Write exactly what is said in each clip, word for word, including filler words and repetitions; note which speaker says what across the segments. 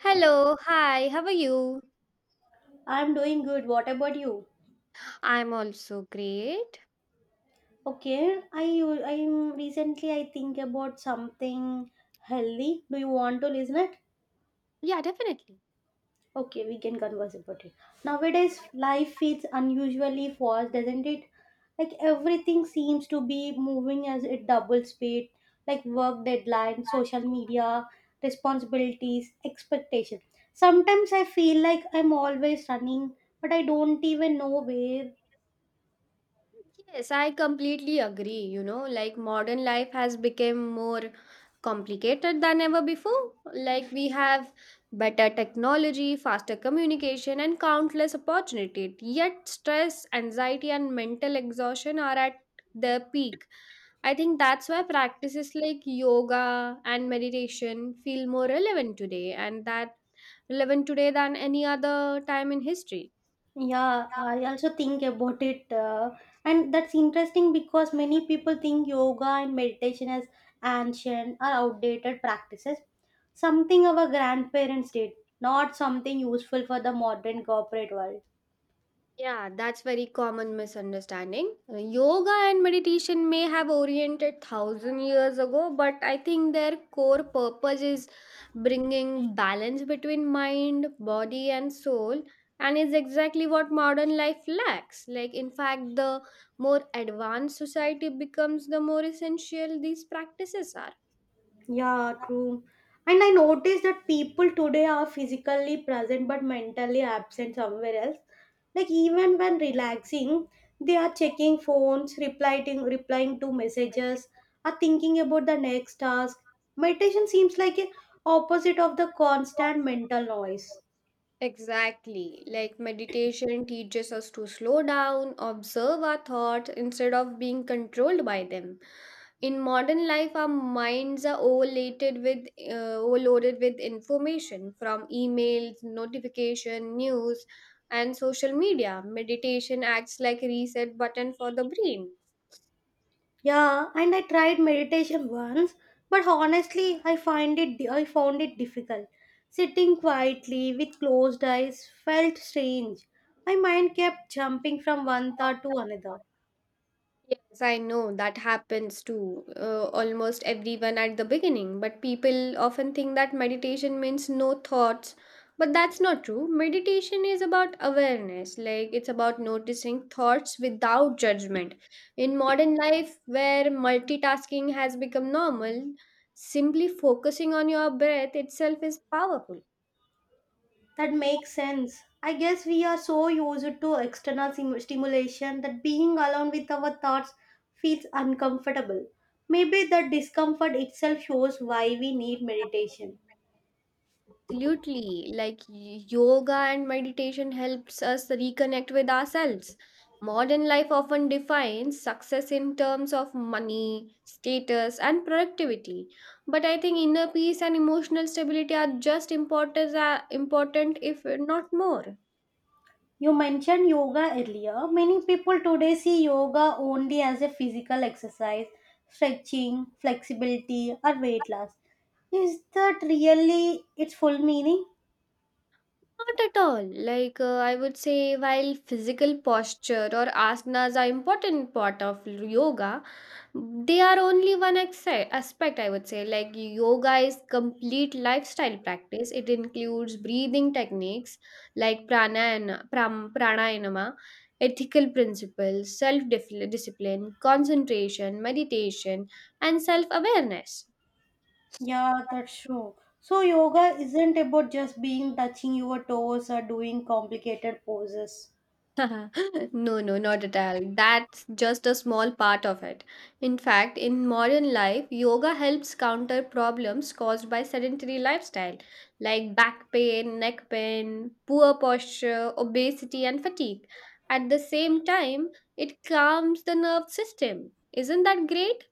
Speaker 1: Hello, hi, how are you?
Speaker 2: I'm doing good. What about you?
Speaker 1: I'm also great.
Speaker 2: Okay, I u- I'm recently I think about something healthy. Do you want to listen it?
Speaker 1: Yeah, definitely.
Speaker 2: Okay, we can converse about it. Nowadays, life feels unusually fast, doesn't it? Like everything seems to be moving as a double speed, like work deadlines, social media, responsibilities, expectation. Sometimes I feel like I'm always running, but I don't even know where.
Speaker 1: Yes, I completely agree. You know, like modern life has become more complicated than ever before. Like we have better technology, faster communication, and countless opportunities. Yet stress, anxiety, and mental exhaustion are at their peak. I think that's why practices like yoga and meditation feel more relevant today and that relevant today than any other time in history.
Speaker 2: Yeah, I also think about it, uh, and that's interesting because many people think yoga and meditation as ancient or outdated practices, something our grandparents did, not something useful for the modern corporate world.
Speaker 1: Yeah, that's very common misunderstanding. Uh, Yoga and meditation may have oriented thousand years ago, but I think their core purpose is bringing balance between mind, body, and soul, and is exactly what modern life lacks. Like, in fact, the more advanced society becomes, the more essential these practices are.
Speaker 2: Yeah, true. And I noticed that people today are physically present but mentally absent somewhere else. Like even when relaxing, they are checking phones, replying replying to messages, are thinking about the next task. Meditation seems like a opposite of the constant mental noise.
Speaker 1: Exactly. Like meditation teaches us to slow down, observe our thoughts instead of being controlled by them. In modern life, our minds are overlated with, uh, overloaded with information from emails, notification, news, and social media. Meditation acts like a reset button for the brain.
Speaker 2: Yeah, and I tried meditation once, but honestly, I find it I found it difficult. Sitting quietly with closed eyes felt strange. My mind kept jumping from one thought to another.
Speaker 1: Yes, I know that happens to uh, almost everyone at the beginning, but people often think that meditation means no thoughts. But that's not true. Meditation is about awareness, like it's about noticing thoughts without judgment. In modern life, where multitasking has become normal, simply focusing on your breath itself is powerful.
Speaker 2: That makes sense. I guess we are so used to external sim- stimulation that being alone with our thoughts feels uncomfortable. Maybe the discomfort itself shows why we need meditation.
Speaker 1: Absolutely. Like y- yoga and meditation helps us reconnect with ourselves. Modern life often defines success in terms of money, status, and productivity. But I think inner peace and emotional stability are just important, uh, important if not more.
Speaker 2: You mentioned yoga earlier. Many people today see yoga only as a physical exercise, stretching, flexibility, or weight loss. Is that really its full meaning?
Speaker 1: Not at all. Like uh, I would say, while physical posture or asanas are important part of yoga, they are only one exce- aspect, I would say. Like yoga is complete lifestyle practice. It includes breathing techniques like pranayana, pram, pranayama, ethical principles, self discipline, concentration, meditation, and self awareness.
Speaker 2: Yeah, that's true. So, yoga isn't about just being touching your toes or doing complicated poses.
Speaker 1: No, no, not at all. That's just a small part of it. In fact, in modern life, yoga helps counter problems caused by sedentary lifestyle like back pain, neck pain, poor posture, obesity, and fatigue. At the same time, it calms the nerve system. Isn't that great?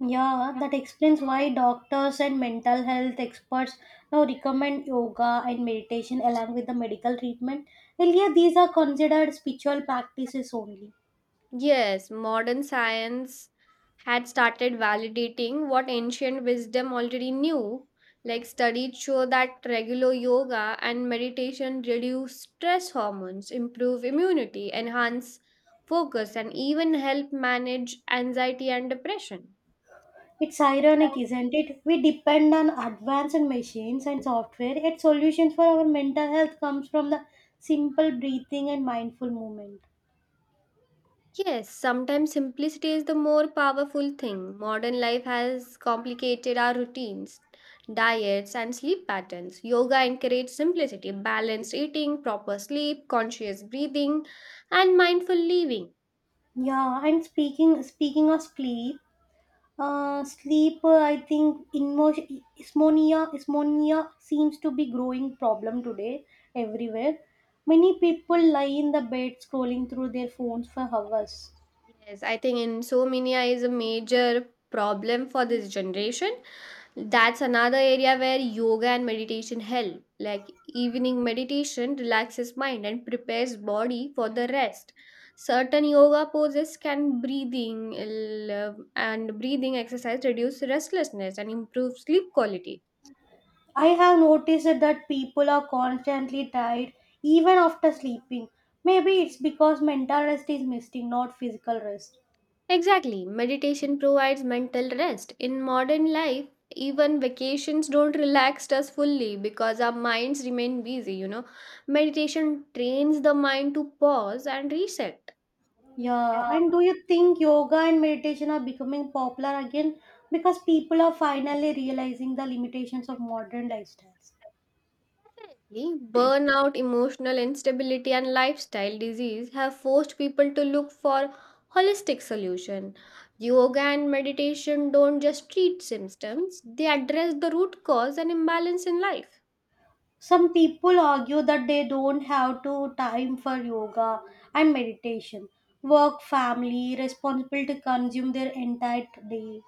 Speaker 2: Yeah, that explains why doctors and mental health experts now recommend yoga and meditation along with the medical treatment. Earlier, these are considered spiritual practices only.
Speaker 1: Yes, modern science had started validating what ancient wisdom already knew. Like studies show that regular yoga and meditation reduce stress hormones, improve immunity, enhance focus, and even help manage anxiety and depression.
Speaker 2: It's ironic, isn't it? We depend on advanced machines and software, yet solutions for our mental health comes from the simple breathing and mindful movement.
Speaker 1: Yes, sometimes simplicity is the more powerful thing. Modern life has complicated our routines, diets, and sleep patterns. Yoga encourages simplicity, balanced eating, proper sleep, conscious breathing, and mindful living.
Speaker 2: Yeah, and speaking speaking of sleep. Uh, sleep, uh, I think, inmo- ismonia, ismonia seems to be growing problem today everywhere. Many people lie in the bed scrolling through their phones for hours.
Speaker 1: Yes, I think insomnia is a major problem for this generation. That's another area where yoga and meditation help. Like evening meditation relaxes mind and prepares body for the rest. Certain yoga poses can breathing l- and breathing exercise reduce restlessness and improve sleep quality.
Speaker 2: I have noticed that people are constantly tired even after sleeping. Maybe it's because mental rest is missing, not physical rest.
Speaker 1: Exactly. Meditation provides mental rest. In modern life, even vacations don't relax us fully because our minds remain busy, you know. Meditation trains the mind to pause and reset.
Speaker 2: Yeah,
Speaker 1: Yeah.
Speaker 2: and do you think yoga and meditation are becoming popular again because people are finally realizing the limitations of modern lifestyles?
Speaker 1: Definitely. Burnout, emotional instability, and lifestyle disease have forced people to look for holistic solution. Yoga and meditation don't just treat symptoms; they address the root cause and imbalance in life.
Speaker 2: Some people argue that they don't have to time for yoga and meditation. Work, family, responsibility consume their entire day.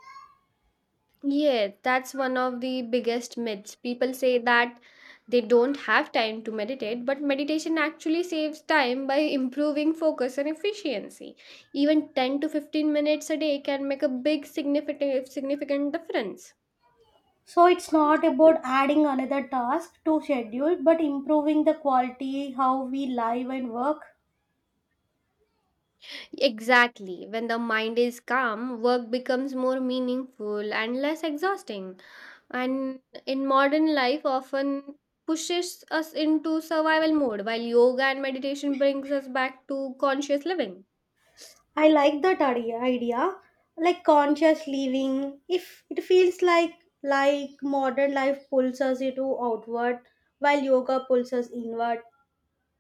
Speaker 1: Yeah, that's one of the biggest myths. People say that they don't have time to meditate, but meditation actually saves time by improving focus and efficiency. Even ten to fifteen minutes a day can make a big significant significant difference.
Speaker 2: So it's not about adding another task to schedule, but improving the quality how we live and work.
Speaker 1: Exactly. When the mind is calm, work becomes more meaningful and less exhausting. And in modern life often pushes us into survival mode while yoga and meditation brings us back to conscious living.
Speaker 2: I like that idea, idea, like conscious living. If it feels like like modern life pulls us into outward, while yoga pulls us inward.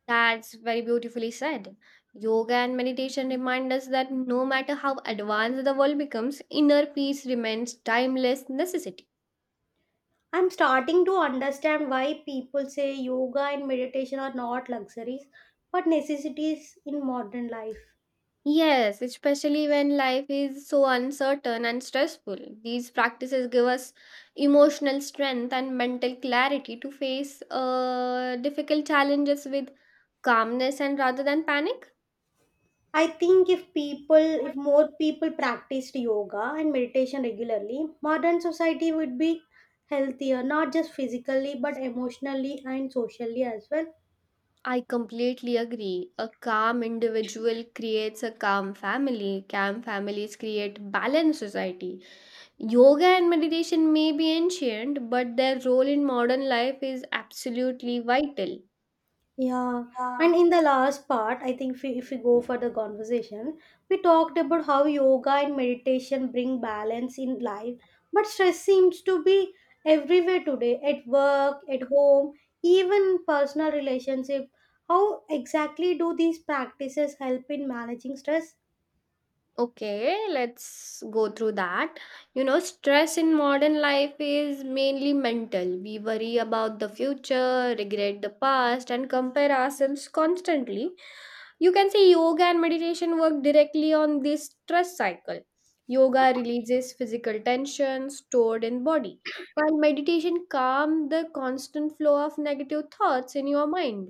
Speaker 1: That's very beautifully said. Yoga and meditation remind us that no matter how advanced the world becomes, inner peace remains timeless necessity.
Speaker 2: I'm starting to understand why people say yoga and meditation are not luxuries but necessities in modern life.
Speaker 1: Yes, especially when life is so uncertain and stressful, these practices give us emotional strength and mental clarity to face uh, difficult challenges with calmness and rather than panic.
Speaker 2: I think if people, if more people practiced yoga and meditation regularly, modern society would be healthier, not just physically but emotionally and socially as well.
Speaker 1: I completely agree. A calm individual creates a calm family, calm families create balanced society. Yoga and meditation may be ancient, but their role in modern life is absolutely vital.
Speaker 2: Yeah, and in the last part, I think if we, if we go for the conversation, we talked about how yoga and meditation bring balance in life, but stress seems to be everywhere today at work, at home, even personal relationship. How exactly do these practices help in managing stress?
Speaker 1: Okay, let's go through that. You know, stress in modern life is mainly mental. We worry about the future, regret the past, and compare ourselves constantly. You can say yoga and meditation work directly on this stress cycle. Yoga releases physical tension stored in body, while meditation calms the constant flow of negative thoughts in your mind.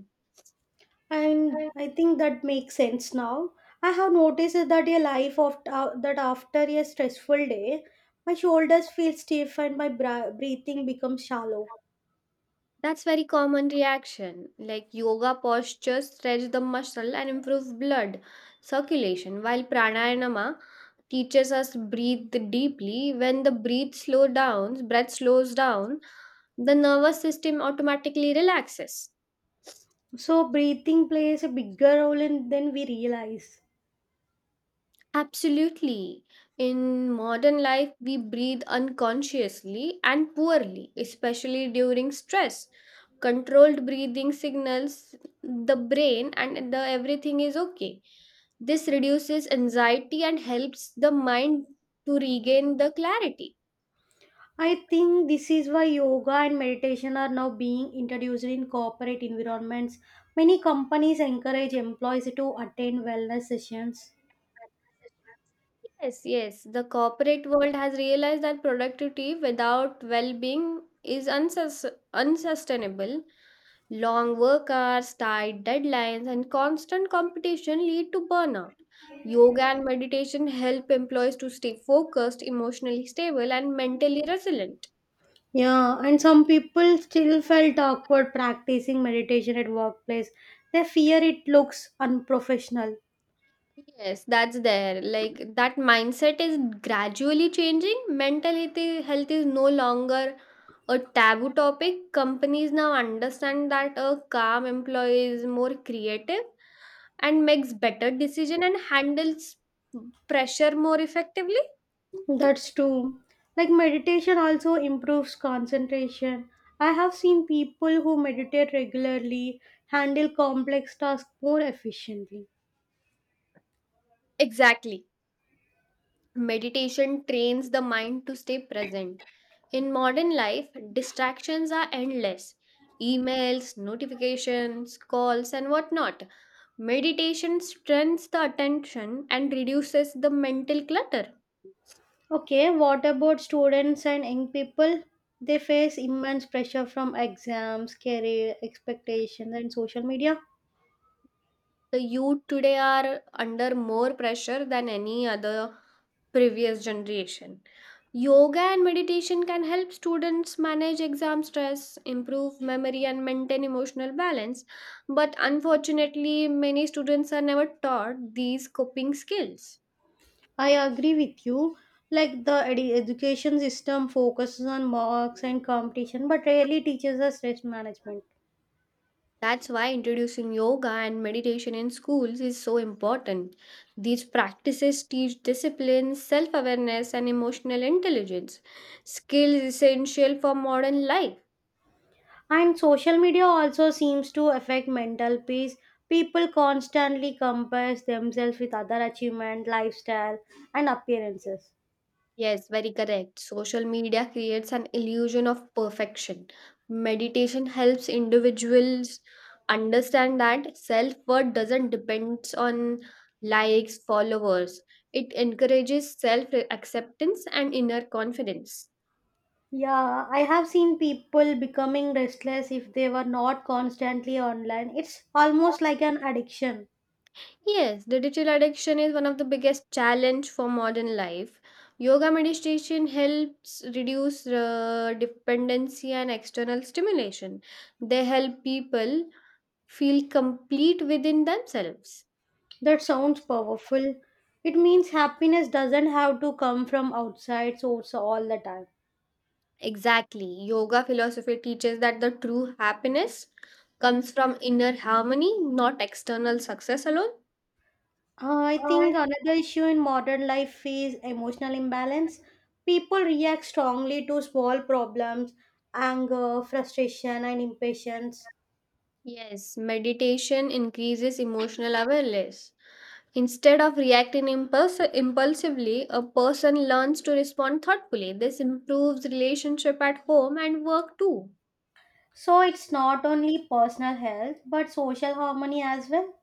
Speaker 2: And I think that makes sense now. I have noticed that a life of uh, that after a stressful day, my shoulders feel stiff and my bra- breathing becomes shallow.
Speaker 1: That's very common reaction. Like yoga postures stretch the muscle and improve blood circulation, while pranayama teaches us breathe deeply. When the breath slow down, Breath slows down, the nervous system automatically relaxes.
Speaker 2: So breathing plays a bigger role in than we realize.
Speaker 1: Absolutely. In modern life, we breathe unconsciously and poorly, especially during stress. Controlled breathing signals the brain and the everything is okay. This reduces anxiety and helps the mind to regain the clarity.
Speaker 2: I think this is why yoga and meditation are now being introduced in corporate environments. Many companies encourage employees to attend wellness sessions.
Speaker 1: Yes, yes. The corporate world has realized that productivity without well being is unsus- unsustainable. Long work hours, tight deadlines, and constant competition lead to burnout. Yoga and meditation help employees to stay focused, emotionally stable, and mentally resilient.
Speaker 2: Yeah, and some people still felt awkward practicing meditation at workplace. They fear it looks unprofessional.
Speaker 1: Yes, that's there. Like that mindset is gradually changing. Mental health health is no longer a taboo topic. Companies now understand that a calm employee is more creative and makes better decision and handles pressure more effectively.
Speaker 2: That's true. Like meditation also improves concentration. I have seen people who meditate regularly handle complex tasks more efficiently.
Speaker 1: Exactly. Meditation trains the mind to stay present. In modern life, distractions are endless emails, notifications, calls, and whatnot. Meditation strengthens the attention and reduces the mental clutter.
Speaker 2: Okay, what about students and young people? They face immense pressure from exams, career expectations, and social media.
Speaker 1: The youth today are under more pressure than any other previous generation. Yoga and meditation can help students manage exam stress, improve memory, and maintain emotional balance. But unfortunately, many students are never taught these coping skills.
Speaker 2: I agree with you. Like the edu- education system focuses on marks and competition, but rarely teaches us stress management.
Speaker 1: That's why introducing yoga and meditation in schools is so important. These practices teach discipline, self awareness, and emotional intelligence, skills essential for modern life.
Speaker 2: And social media also seems to affect mental peace. People constantly compare themselves with other achievement, lifestyle, and appearances.
Speaker 1: Yes, very correct. Social media creates an illusion of perfection. Meditation helps individuals understand that self worth doesn't depend on likes, followers, it encourages self acceptance and inner confidence.
Speaker 2: Yeah, I have seen people becoming restless if they were not constantly online. It's almost like an addiction.
Speaker 1: Yes, the digital addiction is one of the biggest challenge for modern life. Yoga meditation helps reduce uh, dependency and external stimulation. They help people feel complete within themselves.
Speaker 2: That sounds powerful. It means happiness doesn't have to come from outside source all the time.
Speaker 1: Exactly. Yoga philosophy teaches that the true happiness comes from inner harmony, not external success alone.
Speaker 2: Uh, I
Speaker 1: Alright.
Speaker 2: think another issue in modern life is emotional imbalance. People react strongly to small problems, anger, frustration, and impatience.
Speaker 1: Yes, meditation increases emotional awareness. Instead of reacting impuls- impulsively, a person learns to respond thoughtfully. This improves relationship at home and work too.
Speaker 2: So it's not only personal health but social harmony as well.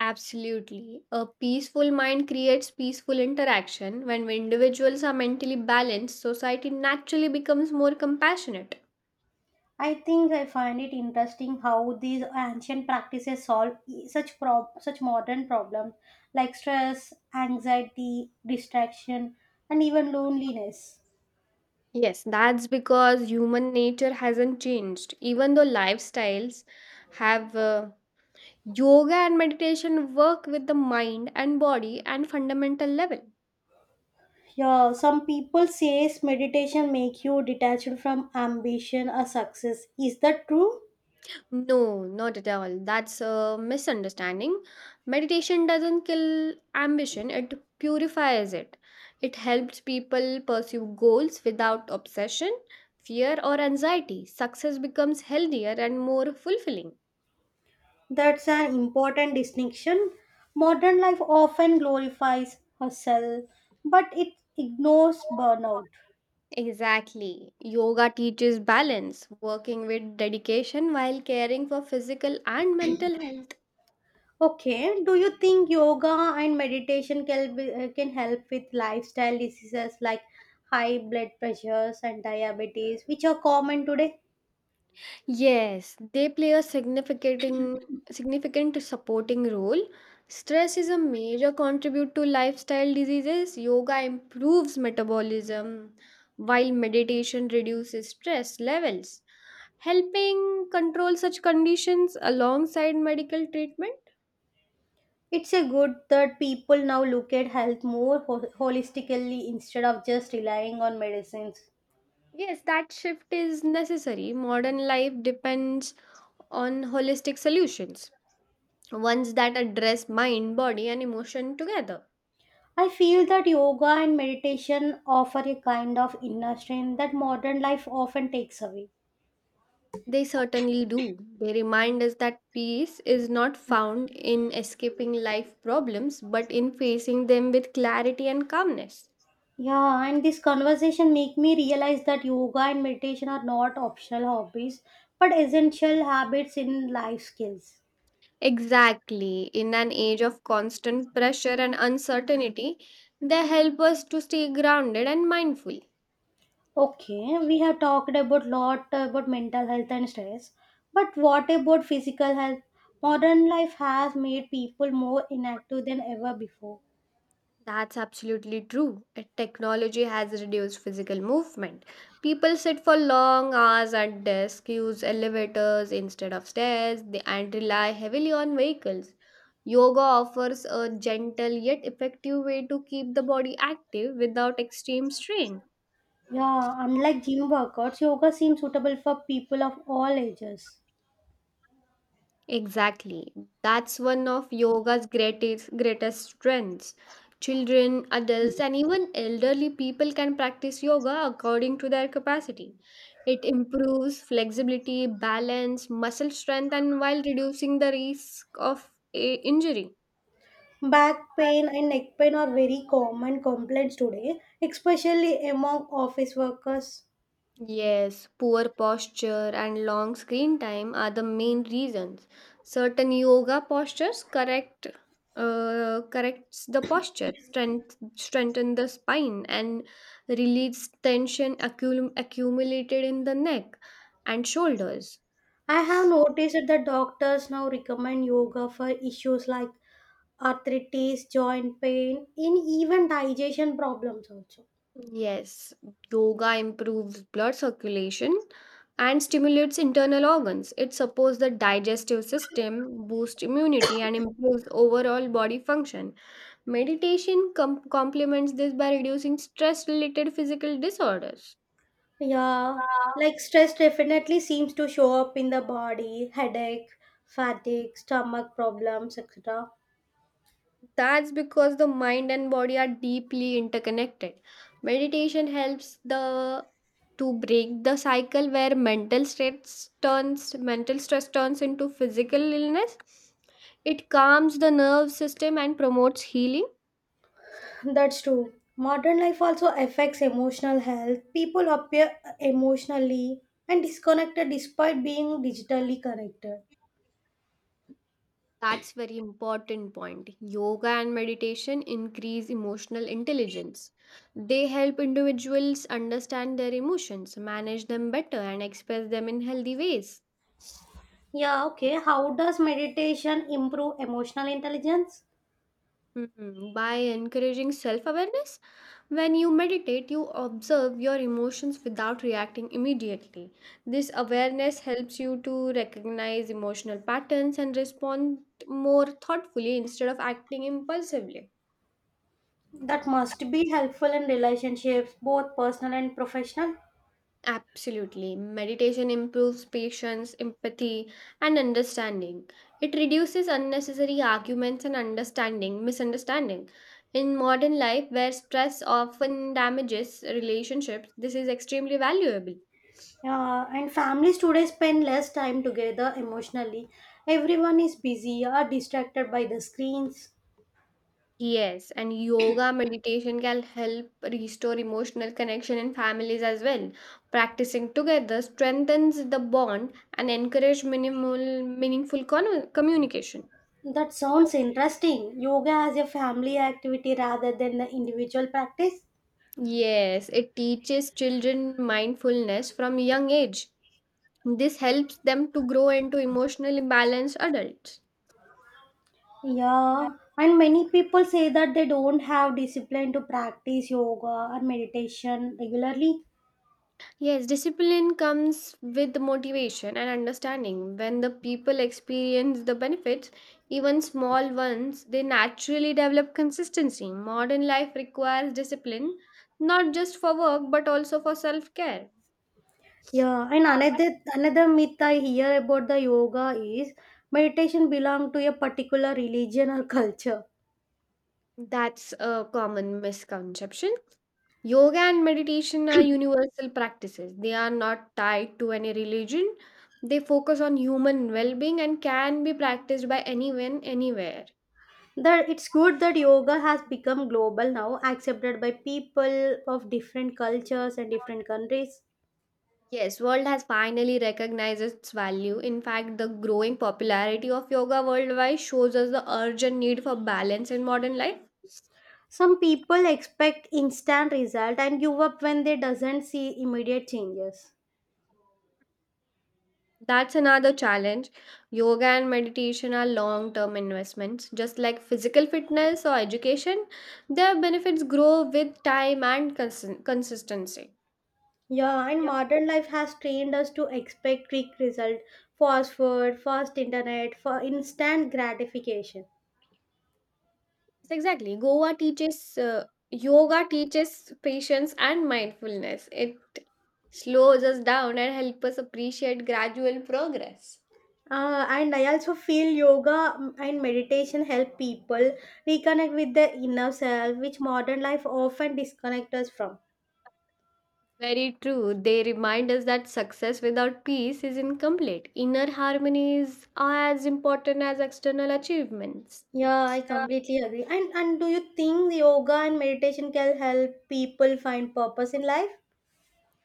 Speaker 1: Absolutely. A peaceful mind creates peaceful interaction. When individuals are mentally balanced, society naturally becomes more compassionate.
Speaker 2: I think I find it interesting how these ancient practices solve e- such prob- such modern problems like stress, anxiety, distraction, and even loneliness.
Speaker 1: Yes, that's because human nature hasn't changed. Even though lifestyles have uh, yoga and meditation work with the mind and body and fundamental level.
Speaker 2: Yeah, some people says meditation make you detached from ambition or success. Is that true?
Speaker 1: No, not at all. That's a misunderstanding. Meditation doesn't kill ambition, it purifies it. It helps people pursue goals without obsession, fear, or anxiety. Success becomes healthier and more fulfilling.
Speaker 2: That's an important distinction. Modern life often glorifies hustle, but it ignores burnout.
Speaker 1: Exactly. Yoga teaches balance, working with dedication while caring for physical and mental health.
Speaker 2: Okay, do you think yoga and meditation can be, uh, can help with lifestyle diseases like high blood pressures and diabetes, which are common today?
Speaker 1: Yes, they play a significant significant supporting role. Stress is a major contribute to lifestyle diseases. Yoga improves metabolism while meditation reduces stress levels, helping control such conditions alongside medical treatment.
Speaker 2: It's a good that people now look at health more ho- holistically instead of just relying on medicines.
Speaker 1: Yes, that shift is necessary. Modern life depends on holistic solutions, ones that address mind, body and emotion together.
Speaker 2: I feel that yoga and meditation offer a kind of inner strength that modern life often takes away.
Speaker 1: They certainly do. They remind us that peace is not found in escaping life problems, but in facing them with clarity and calmness.
Speaker 2: Yeah, and this conversation make me realize that yoga and meditation are not optional hobbies, but essential habits in life skills.
Speaker 1: Exactly. In an age of constant pressure and uncertainty, they help us to stay grounded and mindful.
Speaker 2: Okay, we have talked about lot about mental health and stress, but what about physical health? Modern life has made people more inactive than ever before.
Speaker 1: That's absolutely true. Uh, Technology has reduced physical movement. People sit for long hours at desks, use elevators instead of stairs, they- and rely heavily on vehicles. Yoga offers a gentle yet effective way to keep the body active without extreme strain.
Speaker 2: Yeah, unlike gym workouts, yoga seems suitable for people of all ages.
Speaker 1: Exactly. That's one of yoga's greatest greatest strengths. Children, adults, and even elderly people can practice yoga according to their capacity. It improves flexibility, balance, muscle strength, and while reducing the risk of eh, injury.
Speaker 2: Back pain and neck pain are very common complaints today, especially among office workers.
Speaker 1: Yes, poor posture and long screen time are the main reasons. Certain yoga postures correct uh, corrects the posture, strength, strengthen the spine and release tension accum- accumulated in the neck and shoulders.
Speaker 2: I have noticed that doctors now recommend yoga for issues like arthritis, joint pain, and even digestion problems also.
Speaker 1: Yes, yoga improves blood circulation and stimulates internal organs. It supports the digestive system, boosts immunity and improves overall body function. Meditation com- complements this by reducing stress related physical disorders.
Speaker 2: Yeah, like stress definitely seems to show up in the body, headache, fatigue, stomach problems, et cetera.
Speaker 1: That's because the mind and body are deeply interconnected. Meditation helps the to break the cycle where mental stress turns mental stress turns into physical illness. It calms the nerve system and promotes healing.
Speaker 2: That's true. Modern life also affects emotional health. People appear emotionally and disconnected despite being digitally connected.
Speaker 1: That's very important point. Yoga and meditation increase emotional intelligence. They help individuals understand their emotions, manage them better and express them in healthy ways.
Speaker 2: Yeah, okay. How does meditation improve emotional intelligence?
Speaker 1: Hmm, By encouraging self awareness, when you meditate, you observe your emotions without reacting immediately. This awareness helps you to recognize emotional patterns and respond more thoughtfully instead of acting impulsively.
Speaker 2: That must be helpful in relationships, both personal and professional.
Speaker 1: Absolutely. Meditation improves patience, empathy, and understanding. It reduces unnecessary arguments and understanding, misunderstanding. In modern life, where stress often damages relationships, this is extremely valuable.
Speaker 2: Yeah, and families today spend less time together emotionally. Everyone is busy or distracted by the screens.
Speaker 1: Yes, and yoga meditation can help restore emotional connection in families as well. Practicing together strengthens the bond and encourage minimal meaningful con- communication.
Speaker 2: That sounds interesting. Yoga as a family activity rather than the individual practice.
Speaker 1: Yes, it teaches children mindfulness from a young age. This helps them to grow into emotionally balanced adults. Yeah.
Speaker 2: Yeah, and many people say that they don't have discipline to practice yoga or meditation regularly.
Speaker 1: Yes, discipline comes with motivation and understanding. When the people experience the benefits, even small ones, they naturally develop consistency. Modern life requires discipline, not just for work but also for self care.
Speaker 2: Yeah, and another another myth I hear about the yoga is meditation belong to a particular religion or
Speaker 1: Yeah.
Speaker 2: culture.
Speaker 1: That's a common misconception. Yoga and meditation are universal practices. They are not tied to any religion. They focus on human well being and can be practiced by anyone, anywhere.
Speaker 2: That it's good that yoga has become global now, accepted by people of different cultures and different countries.
Speaker 1: Yes, world has finally recognized its value. In fact, the growing popularity of yoga worldwide shows us the urgent need for balance in modern life.
Speaker 2: Some people expect instant result and give up when they doesn't see immediate changes.
Speaker 1: That's another challenge. Yoga and meditation are long term investments. Just like physical fitness or education, their benefits grow with time and consi- consistency.
Speaker 2: Yeah, and
Speaker 1: Yes,
Speaker 2: modern life has trained us to expect quick result, fast food, fast internet, for instant gratification.
Speaker 1: exactly. Goa teaches, uh, yoga teaches patience and mindfulness. It slows us down and helps us appreciate gradual progress.
Speaker 2: Uh, and I also feel yoga mm, and meditation help people reconnect with their inner self, which modern life often disconnects us from.
Speaker 1: Very true. They remind us that success without peace is incomplete. Inner harmonies are as important as external achievements.
Speaker 2: Yeah, I completely agree. And and do you think yoga and meditation can help people find purpose in life?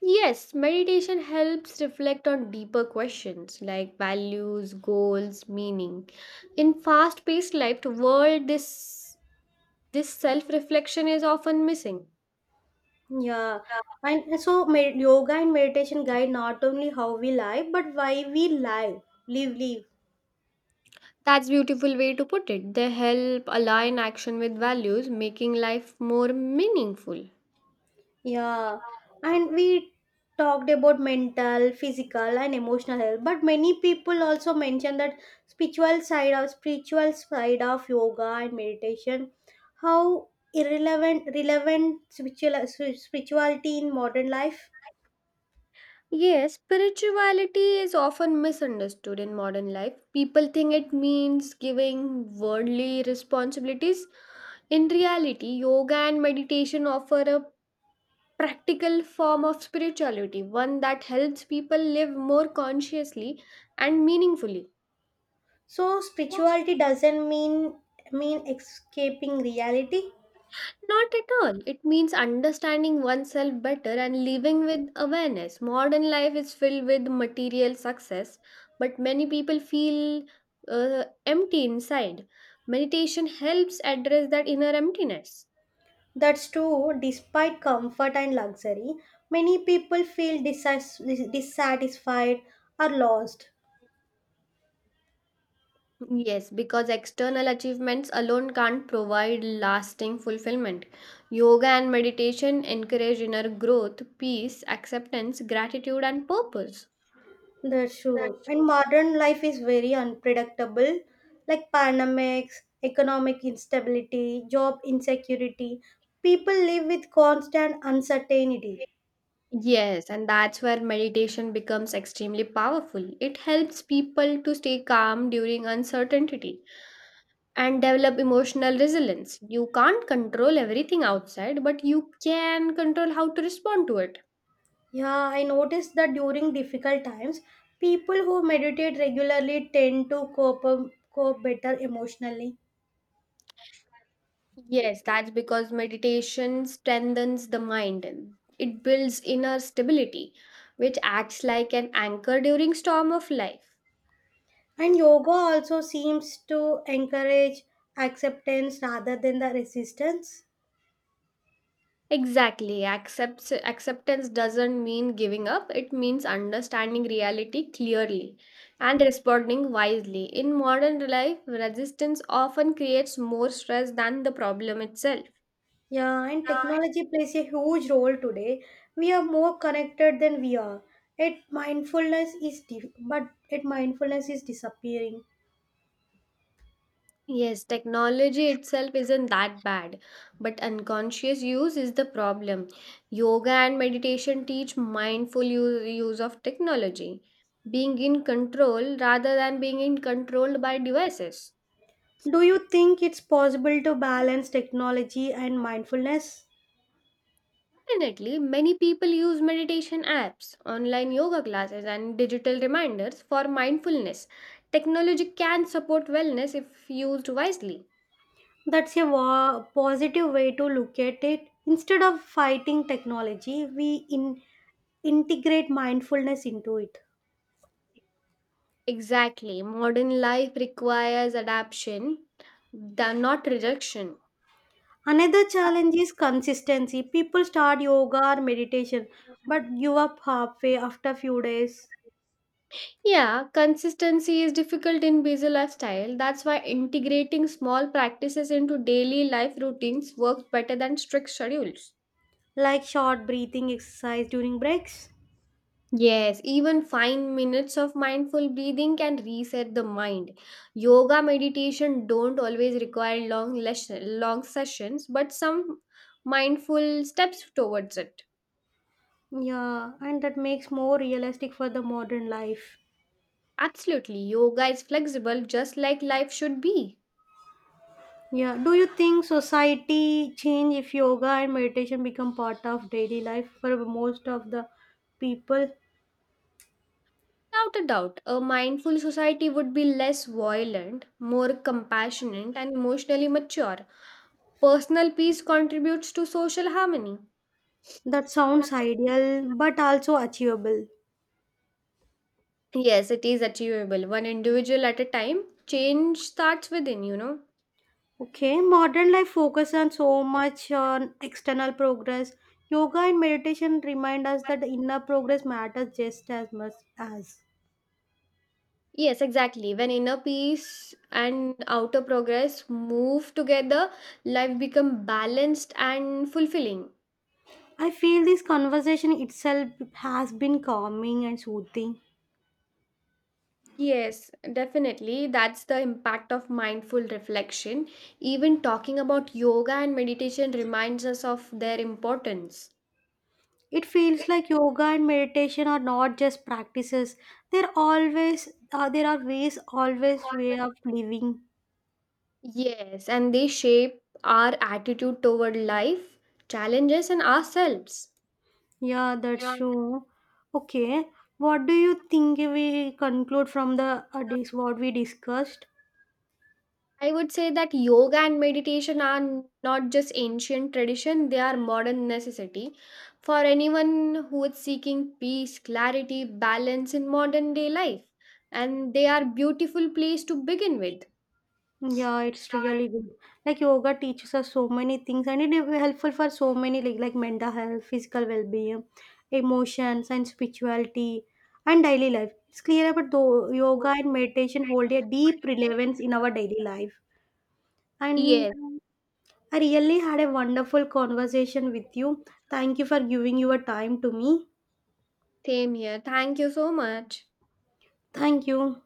Speaker 1: Yes, meditation helps reflect on deeper questions like values, goals, meaning. In fast-paced life world, this this self-reflection is often missing.
Speaker 2: Yeah, and so med- yoga and meditation guide not only how we live but why we live, live, live.
Speaker 1: That's beautiful way to put it. They help align action with values, making life more meaningful.
Speaker 2: Yeah, and we talked about mental, physical, and emotional health. But many people also mention that spiritual side of spiritual side of yoga and meditation, how irrelevant relevant spiritual, spirituality in modern life.
Speaker 1: Yes, spirituality is often misunderstood in modern life. People think it means giving worldly responsibilities. In reality, yoga and meditation offer a practical form of spirituality, one that helps people live more consciously and meaningfully.
Speaker 2: So spirituality doesn't mean mean escaping reality.
Speaker 1: Not at all. It means understanding oneself better and living with awareness. Modern life is filled with material success, but many people feel uh, empty inside. Meditation helps address that inner emptiness.
Speaker 2: That's true. Despite comfort and luxury, many people feel disas- dis- dissatisfied or lost.
Speaker 1: Yes, because external achievements alone can't provide lasting fulfillment. Yoga and meditation encourage inner growth, peace, acceptance, gratitude, and purpose.
Speaker 2: That's true.
Speaker 1: That's true.
Speaker 2: And modern life is very unpredictable, like pandemics, economic instability, job insecurity. People live with constant uncertainty.
Speaker 1: Yes, and that's where meditation becomes extremely powerful. It helps people to stay calm during uncertainty and develop emotional resilience. You can't control everything outside, but you can control how to respond to it.
Speaker 2: Yeah, I noticed that during difficult times, people who meditate regularly tend to cope, cope better emotionally.
Speaker 1: Yes, that's because meditation strengthens the mind. It builds inner stability, which acts like an anchor during storm of life.
Speaker 2: And yoga also seems to encourage acceptance rather than the resistance.
Speaker 1: Exactly. Accepts Acceptance doesn't mean giving up. It means understanding reality clearly and responding wisely. In modern life, resistance often creates more stress than the problem itself.
Speaker 2: Yeah, and technology plays a huge role today. We are more connected than we are. It mindfulness is di- but it mindfulness is disappearing.
Speaker 1: Yes, technology itself isn't that bad, but unconscious use is the problem. Yoga and meditation teach mindful u- use of technology, being in control rather than being in controlled by devices.
Speaker 2: Do you think it's possible to balance technology and mindfulness?
Speaker 1: Definitely, many people use meditation apps, online yoga classes, and digital reminders for mindfulness. Technology can support wellness if used wisely.
Speaker 2: That's a wa- positive way to look at it. Instead of fighting technology, we in- integrate mindfulness into it.
Speaker 1: Exactly, modern life requires adaptation, the, not rejection.
Speaker 2: Another challenge is consistency. People start yoga or meditation but give up halfway after few days,
Speaker 1: Yeah, consistency is difficult in busy lifestyle. That's why integrating small practices into daily life routines works better than strict schedules.
Speaker 2: like short breathing exercise during breaks.
Speaker 1: Yes, even five minutes of mindful breathing can reset the mind. Yoga meditation don't always require long lesson, long sessions, but some mindful steps towards it.
Speaker 2: Yeah, and that makes more realistic for the modern life.
Speaker 1: Absolutely, yoga is flexible just like life should be.
Speaker 2: Yeah, do you think society change if yoga and meditation become part of daily life for most of the people?
Speaker 1: Without a doubt, a mindful society would be less violent, more compassionate, and emotionally mature. Personal peace contributes to social harmony.
Speaker 2: That sounds
Speaker 1: That's
Speaker 2: ideal but also achievable.
Speaker 1: Yes, it is achievable. One individual at a time. Change starts within, you know.
Speaker 2: Okay, modern life focuses on so much on external progress. Yoga and meditation remind us that inner progress matters just as much as.
Speaker 1: Yes, exactly. When inner peace and outer progress move together, life become balanced and fulfilling.
Speaker 2: I feel this conversation itself has been calming and soothing.
Speaker 1: Yes, definitely. That's the impact of mindful reflection. Even talking about yoga and meditation reminds us of their importance.
Speaker 2: It feels
Speaker 1: It
Speaker 2: like yoga and meditation are not just practices. They're always uh, there are ways, always
Speaker 1: always-
Speaker 2: way of living.
Speaker 1: Yes, and they shape our attitude toward life, challenges, and ourselves.
Speaker 2: Yeah, that's true. Okay, what do you think we conclude from the uh, dis- what we discussed?
Speaker 1: I would say that yoga and meditation are n- not just ancient tradition, they are modern necessity. For anyone who is seeking peace, clarity, balance in modern day life. And they are beautiful place to begin with.
Speaker 2: Yeah, it's really good. Like yoga teaches us so many things and it is helpful for so many like like mental health, physical well-being, emotions and spirituality and daily life. It's clear about though yoga and meditation hold a deep relevance in our daily life.
Speaker 1: Yeah,
Speaker 2: And
Speaker 1: so- Yes.
Speaker 2: I really had a wonderful conversation with you. Thank you for giving your time to me.
Speaker 1: Same here. Thank you so much.
Speaker 2: Thank you.